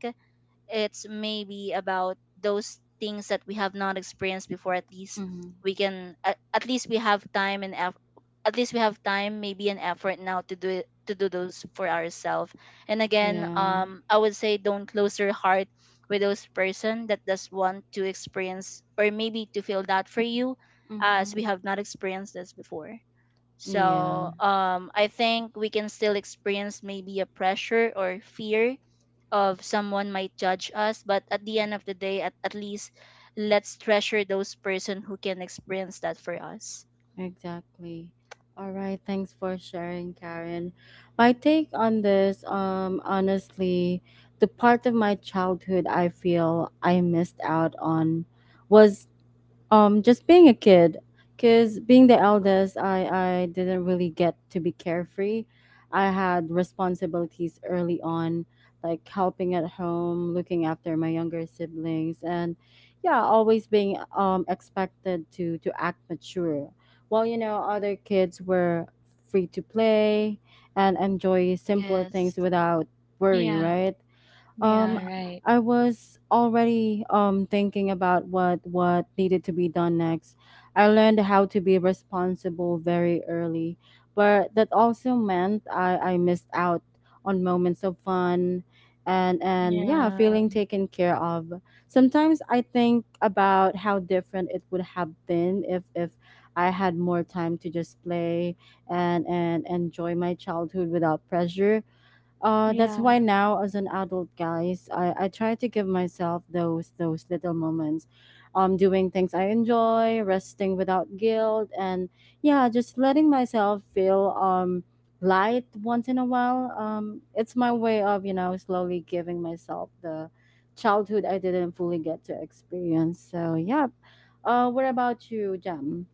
It's maybe about those things that we have not experienced before. At least
Mm-hmm.
we can at least we have time, maybe an effort now to do it, to do those for ourselves. And again,
Yeah.
I would say, don't close your heart with those person that does want to experience or maybe to feel that for you, as
Mm-hmm.
we have not experienced this before.
Yeah.
So I think we can still experience maybe a pressure or fear of someone might judge us, but at the end of the day, at least let's treasure those person who can experience that for us.
Exactly. All right, thanks for sharing, Karen. My take on this, honestly, the part of my childhood I feel I missed out on was just being a kid, because being the eldest, I didn't really get to be carefree. I had responsibilities early on, like helping at home, looking after my younger siblings, and yeah, always being expected to act mature while, you know, other kids were free to play and enjoy simple
Yes.
things without worry,
Yeah.
right? Um,
Yeah,
Yeah.
right.
I was already thinking about what needed to be done next. I learned how to be responsible very early, but that also meant I missed out on moments of fun and yeah,
Yeah.
feeling taken care of. Sometimes I think about how different it would have been if I had more time to just play and enjoy my childhood without pressure. That's
Yeah.
why now, as an adult, guys, I try to give myself those little moments, doing things I enjoy, resting without guilt, and yeah, just letting myself feel light once in a while. It's my way of slowly giving myself the childhood I didn't fully get to experience. So yeah, what about you, Jam?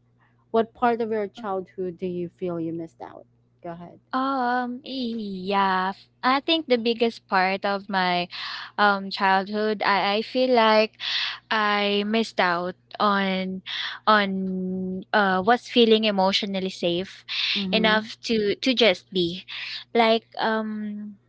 What part of your
Oh,
childhood do you feel you missed out? Go ahead.
yeah. I think the biggest part of my childhood, I feel like I missed out on was feeling emotionally safe
Mm-hmm.
enough to just be, like,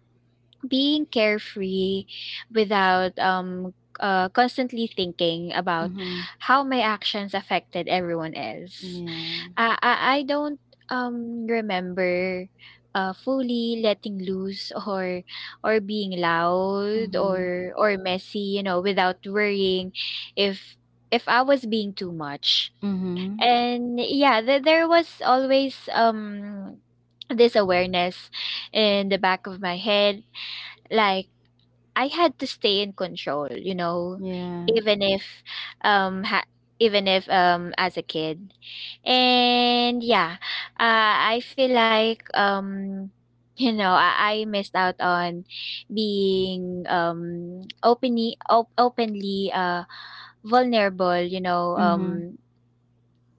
being carefree without constantly thinking about
Mm-hmm.
how my actions affected everyone else.
Yeah.
I don't, remember, fully letting loose [LAUGHS] or being loud
Mhm.
or messy, you know, without worrying if I was being too much.
Mhm.
And yeah, there was always, this awareness in the back of my head, like I had to stay in control, you know,
Yeah.
even if um ha- even if, um, as a kid. And yeah, I feel like um, you know, I missed out on being openly vulnerable, you know,
Mhm.
um,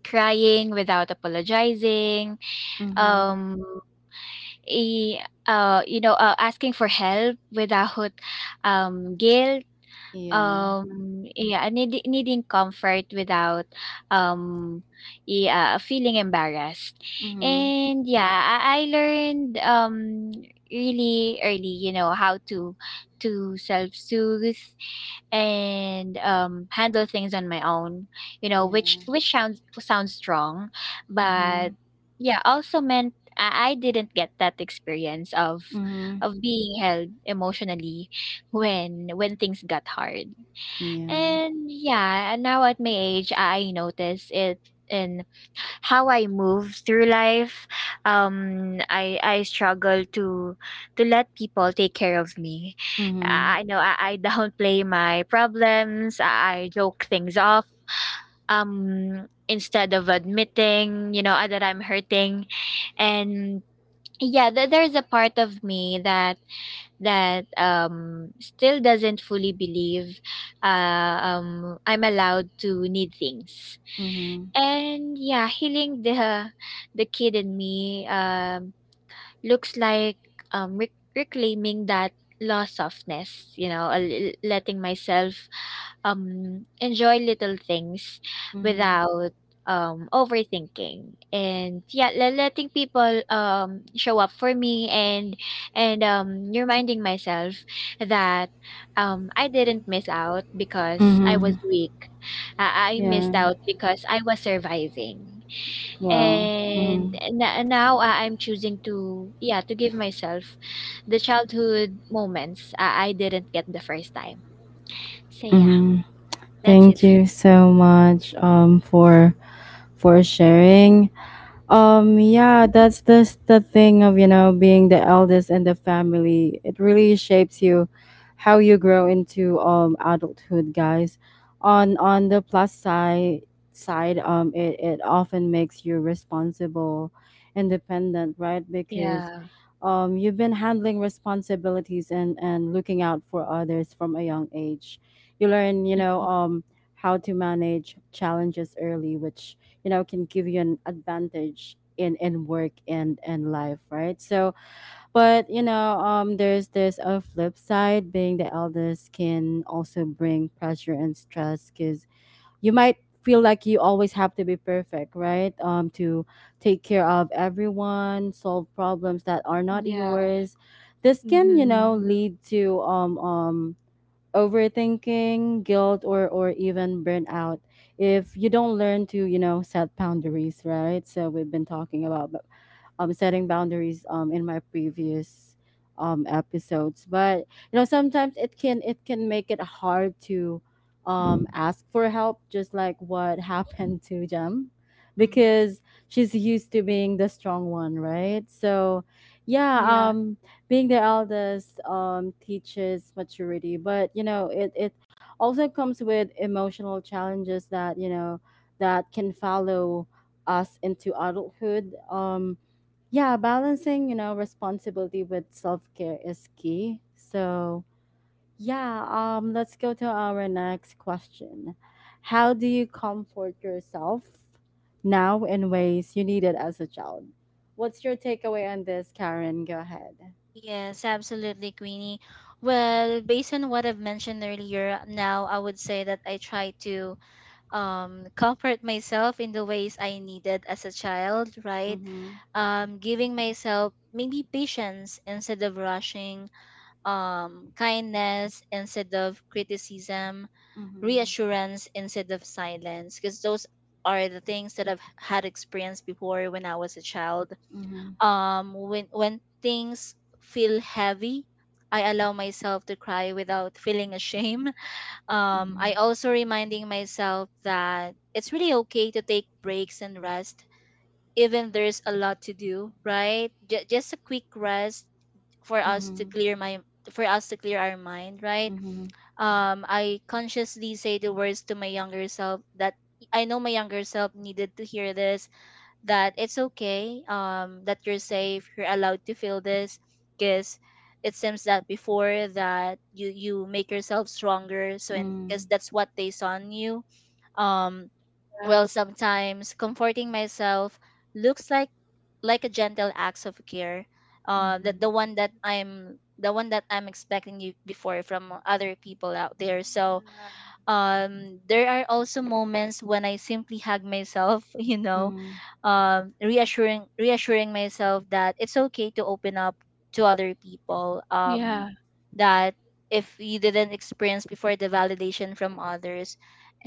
crying without apologizing,
Mhm.
um e- you know, asking for help without guilt,
Yeah.
yeah, and needing comfort without, um, yeah, feeling embarrassed.
Mhm.
And yeah, I learned, really early, you know, how to self-soothe and, handle things on my own, you know, which
Yeah.
sounds strong, but
Mhm.
yeah, also meant I didn't get that experience of
Mhm.
being held emotionally when things got hard.
Yeah.
And yeah, and now at my age, I notice it in how I move through life. I struggle to let people take care of me.
Mhm.
I know I [LAUGHS] downplay my problems. I joke things off, instead of admitting, you know, that I'm hurting. And yeah, there's a part of me that still doesn't fully believe I'm allowed to need things.
Mhm.
And yeah, healing the kid in me, looks like reclaiming that lost softness, you know, letting myself enjoy little things
Mhm.
without overthinking, and yeah, letting people show up for me, and reminding myself that I didn't miss out because I
Mhm.
was weak. I
Yeah.
missed out because I was surviving.
Wow.
And
Mhm.
na now, I'm choosing to, yeah, to give myself the childhood moments, I didn't get the first time. So yeah,
Mhm.
that's it
Thank
for
you so much for sharing. Yeah, that's the thing of, you know, being the eldest in the family. It really shapes you how you grow into adulthood, guys. On the plus side, it, it often makes you responsible, independent, right?
[LAUGHS]
Because
Yeah.
you've been handling responsibilities and looking out for others from a young age. You learn, you know,
Mm.
how to manage challenges early, which you know can give you an advantage in work and life, right? So but you know, there's a flip side. Being the eldest can also bring pressure and stress, because you might feel like you always have to be perfect, right? To take care of everyone, solve problems that are not
Yeah.
yours. This can, you know,
Mhm.
lead to overthinking, guilt, or even burnout if you don't learn to, you know, set boundaries, right? So we've been talking about setting boundaries in my previous episodes. But you know, sometimes it can make it hard to ask for help, just like what [LAUGHS] happened to Jem,
Mm-hmm.
because she's used
Mhm.
to being the strong one, right? So, yeah,
Yeah.
being the eldest teaches maturity, but you know, it also comes with emotional challenges that you know that can follow us into adulthood. Yeah, balancing, you know, responsibility with self-care is key. So yeah, let's go to our next question. How do you comfort yourself now in ways you needed as a child? What's your takeaway on this, Karen? Go ahead.
Yes, absolutely, Queenie. Well, based on what I've mentioned earlier, now I would say that I try to comfort myself in the ways I needed as a child, right?
Mm-hmm.
Giving myself maybe patience instead of rushing, kindness instead of criticism,
Mm-hmm.
reassurance instead of silence, because those are the things that I've had experienced before when I was a child.
Mm-hmm.
When things feel heavy, I allow myself to cry without feeling ashamed. [LAUGHS] I also reminding myself that it's really okay to take breaks and rest, even there's a lot to do. Right, just a quick rest for us to
Mm-hmm.
clear my for us to clear our mind. Right,
Mm-hmm.
I consciously say the words to my younger self, that I know my younger self needed to hear this, that it's okay, that you're safe, you're allowed to feel this. Because it seems that before that you make yourself stronger, so, and
Mm-hmm.
because that's what they saw in you. um
Yeah.
well, sometimes comforting myself looks like a gentle acts of care. That
Mm-hmm.
the one that I'm the one that I'm expecting you before from other people out there. So
Mhm.
there are also moments when I simply hug myself, [LAUGHS] you know,
Mm-hmm.
reassuring myself that it's okay to open up to other people.
Yeah.
That if you didn't experience before the validation from others,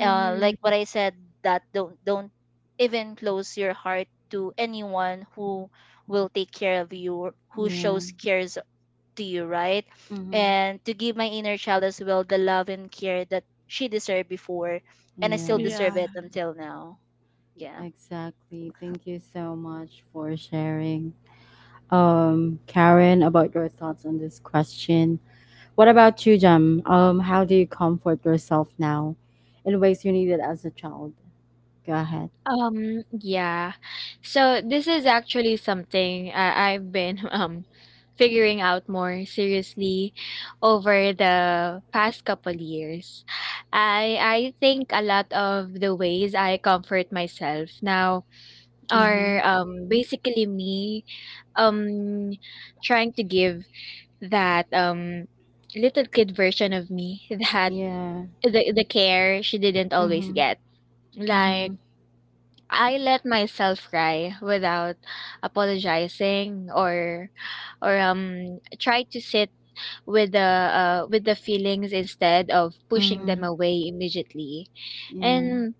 like what I said, that don't even close your heart to anyone who will take care of you, who
Yeah.
shows care to you, right?
Mm-hmm.
And to give my inner child as well the love and care that she deserved before, and I still deserve
Yeah.
Yes.
it until now. Yeah.
Exactly. Thank you so much for sharing, Karen, about your thoughts on this question. What about you, Jem? How do you comfort yourself now in ways you needed as a child? Go ahead.
Yeah. So this is actually something I've been [LAUGHS] um, figuring out more seriously over the past couple years. I think a lot of the ways I comfort myself now
Mm-hmm.
are um, basically me um, trying to give that um, little kid version of me [LAUGHS] that
Yeah.
the care she didn't always
Mm-hmm.
get.
Mm-hmm.
Like, I let myself cry without apologizing or try to sit with the feelings instead of pushing
Mm-hmm.
them away immediately.
Yeah.
And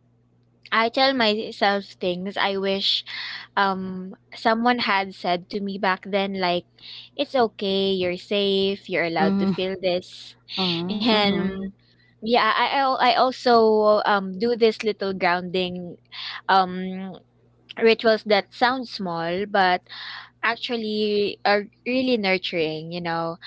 I tell myself things I wish um, someone had said to me back then, like, it's okay, you're safe, you're allowed to
Mm-hmm.
feel this.
Mm-hmm.
And
Mm-hmm.
yeah, I also um, do this little grounding um, rituals that sound small but actually are really nurturing, you know,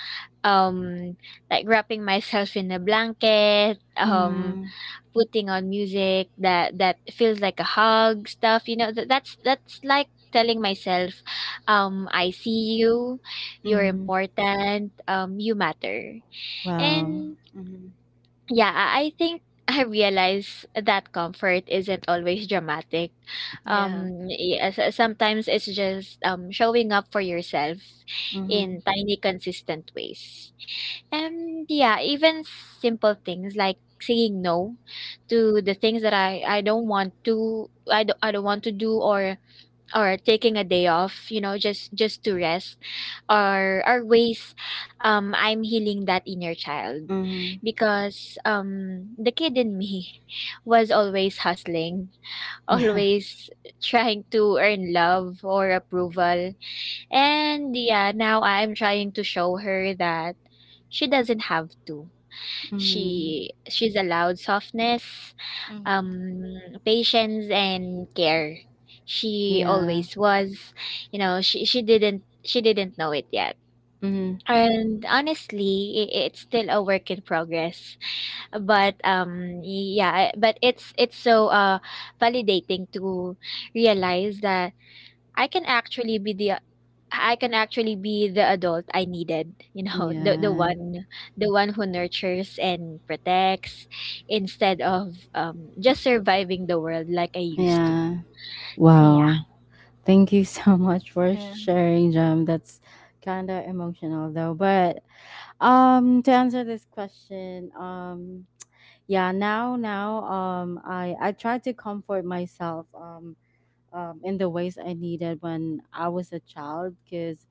um, like wrapping myself in a blanket, um,
Mm-hmm.
putting on music that feels like a hug, stuff, you know, that's like telling myself um, I see you, you're
Mm-hmm.
important, um, you matter.
Wow.
And
Mm-hmm.
yeah, I think [LAUGHS] I realize that comfort isn't always dramatic.
Yeah.
Yeah, sometimes it's just showing up for yourself
Mm-hmm.
in tiny, consistent ways. And yeah, even simple things like saying no to the things that I don't want to do, or taking a day off, you know, just to rest, or ways um, I'm healing that inner child.
Mm-hmm.
Because um, the kid in me [LAUGHS] was always hustling, [LAUGHS]
Yeah. [LAUGHS]
always trying to earn love or approval. And yeah, now I'm trying to show her that she doesn't have to
Mm-hmm.
she she's allowed softness,
Hmm.
um, patience and care. She
Yeah.
always was, you know, she didn't know it yet.
Mm-hmm.
And honestly, I it's still a work in progress. But yeah, but it's so uh, validating to realize that I can actually be the I can actually be the adult I needed, you know, [LAUGHS]
Yeah.
the one who nurtures and protects instead of um, just surviving the world like I used to.
Yeah.
So yeah.
Wow. Thank you [LAUGHS] so much for
Yeah.
sharing, Jem. That's kind of emotional though. But to answer this question, yeah, now I try to comfort myself in the ways I needed when I was a child, cuz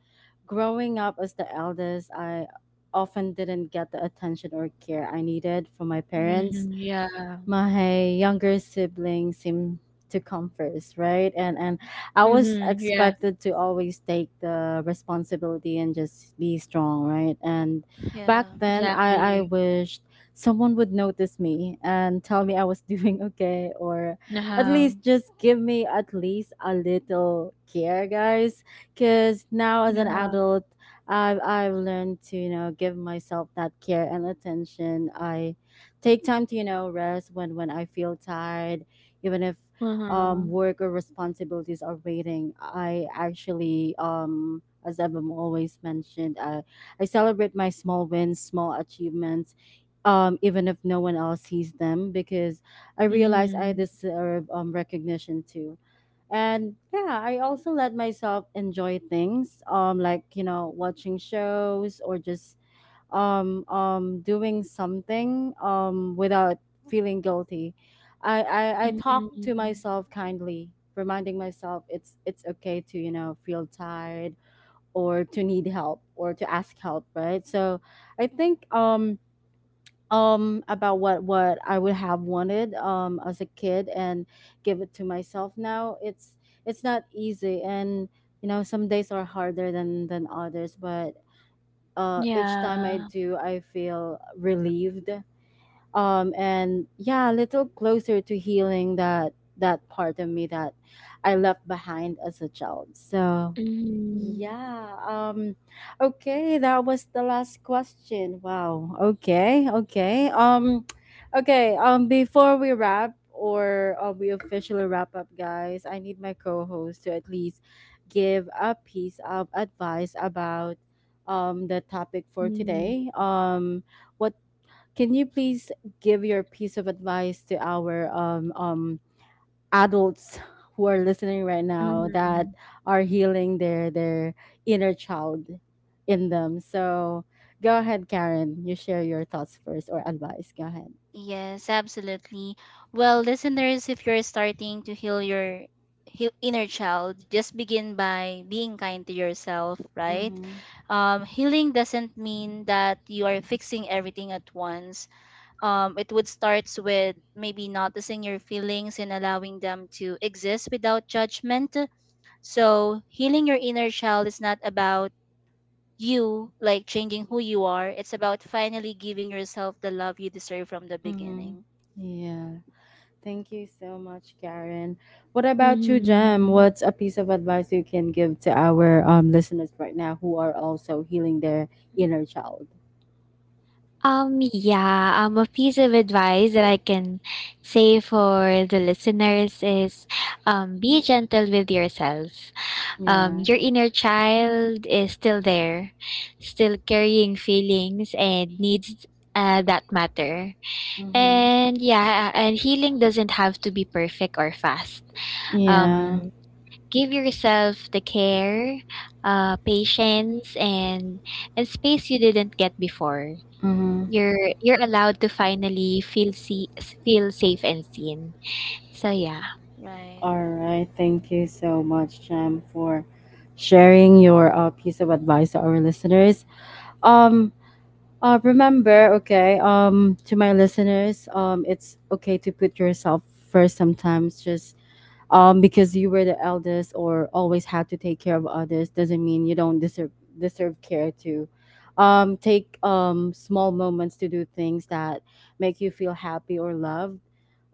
growing up as the eldest, I often didn't get the attention or care I needed from my parents.
Mm-hmm. Yeah.
My younger sibling seemed to come first, right? And I was
Mm-hmm. Yeah.
expected to always take the responsibility and just be strong, right? And back
Yeah.
then I
Exactly.
wished someone would notice me and tell me I was [LAUGHS] doing okay, or at
Uh-huh.
least just give me at least a little care, guys. Cause now as an
Yeah.
adult, I've learned to, you know, give myself that care and attention. I take time to, you know, rest when I feel tired, even if
Uh-huh.
work or responsibilities are waiting. I actually, as I've always mentioned, I celebrate my small wins, small achievements, even if no one else sees them, because I realize I
Mm-hmm.
deserve recognition too. And yeah, I also let myself enjoy things, like you know, watching shows or just doing something without feeling guilty. I talk to
Mm-hmm.
myself kindly, reminding myself it's okay to, you know, feel tired, or to need help, or to ask help, right? So I think about what I would have wanted as a kid and give it to myself now. It's not easy, and you know, some days are harder than others, but each time I
Yeah.
do, I feel relieved. And yeah, a little closer to healing that that part of me that I left behind as a child. So
Mm-hmm.
yeah. Okay, that was the last question. Wow. Okay. Okay. [TSK] Okay, before we wrap, or we officially wrap up, guys, I need my co-host to at least give a piece of advice about the topic for today.
Mm-hmm.
What can you please give your piece of advice to our adults who are listening right now, that
Mm-hmm.
are healing their inner child in them. So go ahead, Karen. You share your thoughts first or advice. Go ahead.
Yes, absolutely. Well, listeners, if you're starting to heal your heal inner child, just begin by being kind to yourself, right?
Mm-hmm.
Healing doesn't mean that you are fixing everything at once. It would starts with maybe noticing your feelings and allowing them to exist without judgment. So healing your inner child is not about you like changing who you are. It's about finally giving yourself the love you deserve from the
Mm-hmm.
beginning.
Yeah. Thank you so much, Karen. What about you, Jem?
Mm-hmm.
What's a piece of advice you can give to our listeners right now who are also healing their inner child?
Yeah, a piece of advice that I can say for the listeners is be gentle with yourself.
Yeah.
Your inner child is still there, still carrying feelings and needs that matter.
Mm-hmm.
And yeah, and healing doesn't have to be perfect or fast.
Yeah.
Um, give yourself the care, patience, and, space you didn't get before.
Mm-hmm.
You're allowed to finally feel safe and seen. So, yeah.
Right.
All right. Thank you so much, Jam, for sharing your piece of advice to our listeners. Um. Remember, okay. To my listeners, it's okay to put yourself first sometimes. Just because you were the eldest or always had to take care of others doesn't mean you don't deserve care too. Take small moments to do things that make you feel happy or loved.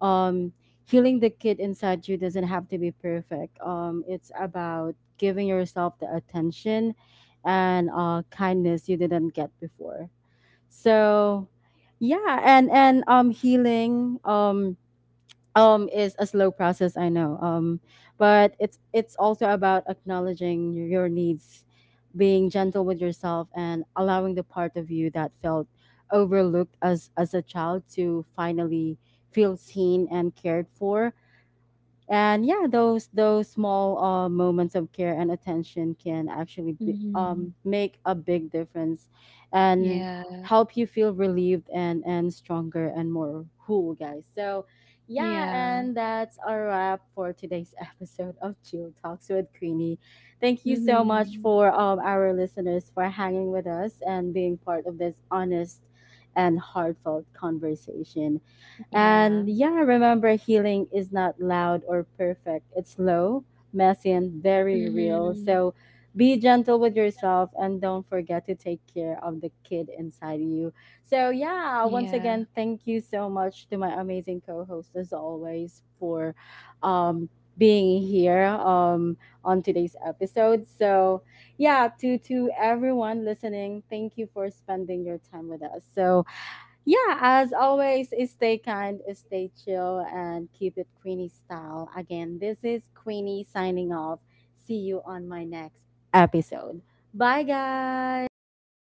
um Healing the kid inside you doesn't have to be perfect. It's about giving yourself the attention and kindness you didn't get before. So yeah, and healing is a slow process, I know, but it's also about acknowledging your needs, being gentle with yourself, and allowing the part of you that felt overlooked as a child to finally feel seen and cared for. And yeah, those small moments of care and attention can actually be,
Mhm.
make a big difference and
Yeah.
help you feel relieved and stronger and more whole, guys. So yeah,
Yeah.
and that's a wrap for today's [LAUGHS] episode of Chill Talks with Queenie. Thank you so much
Mhm.
for our listeners for hanging with us and being part of this honest and heartfelt conversation.
Yeah.
And yeah, remember, healing is not loud or perfect. It's slow, messy, and very real.
Mhm.
So be gentle with yourself and don't forget to take care of the kid inside you. So yeah, once
Yeah.
again, thank you so much to my amazing co-host, as always, for um being here on today's episode. So yeah, to everyone listening, thank you for spending your time with us. So yeah, as always, stay kind, stay chill, and keep it Queenie style. Again, this is Queenie signing off. See you on my next episode. Bye,
Bye,
guys.
guys.
Bye.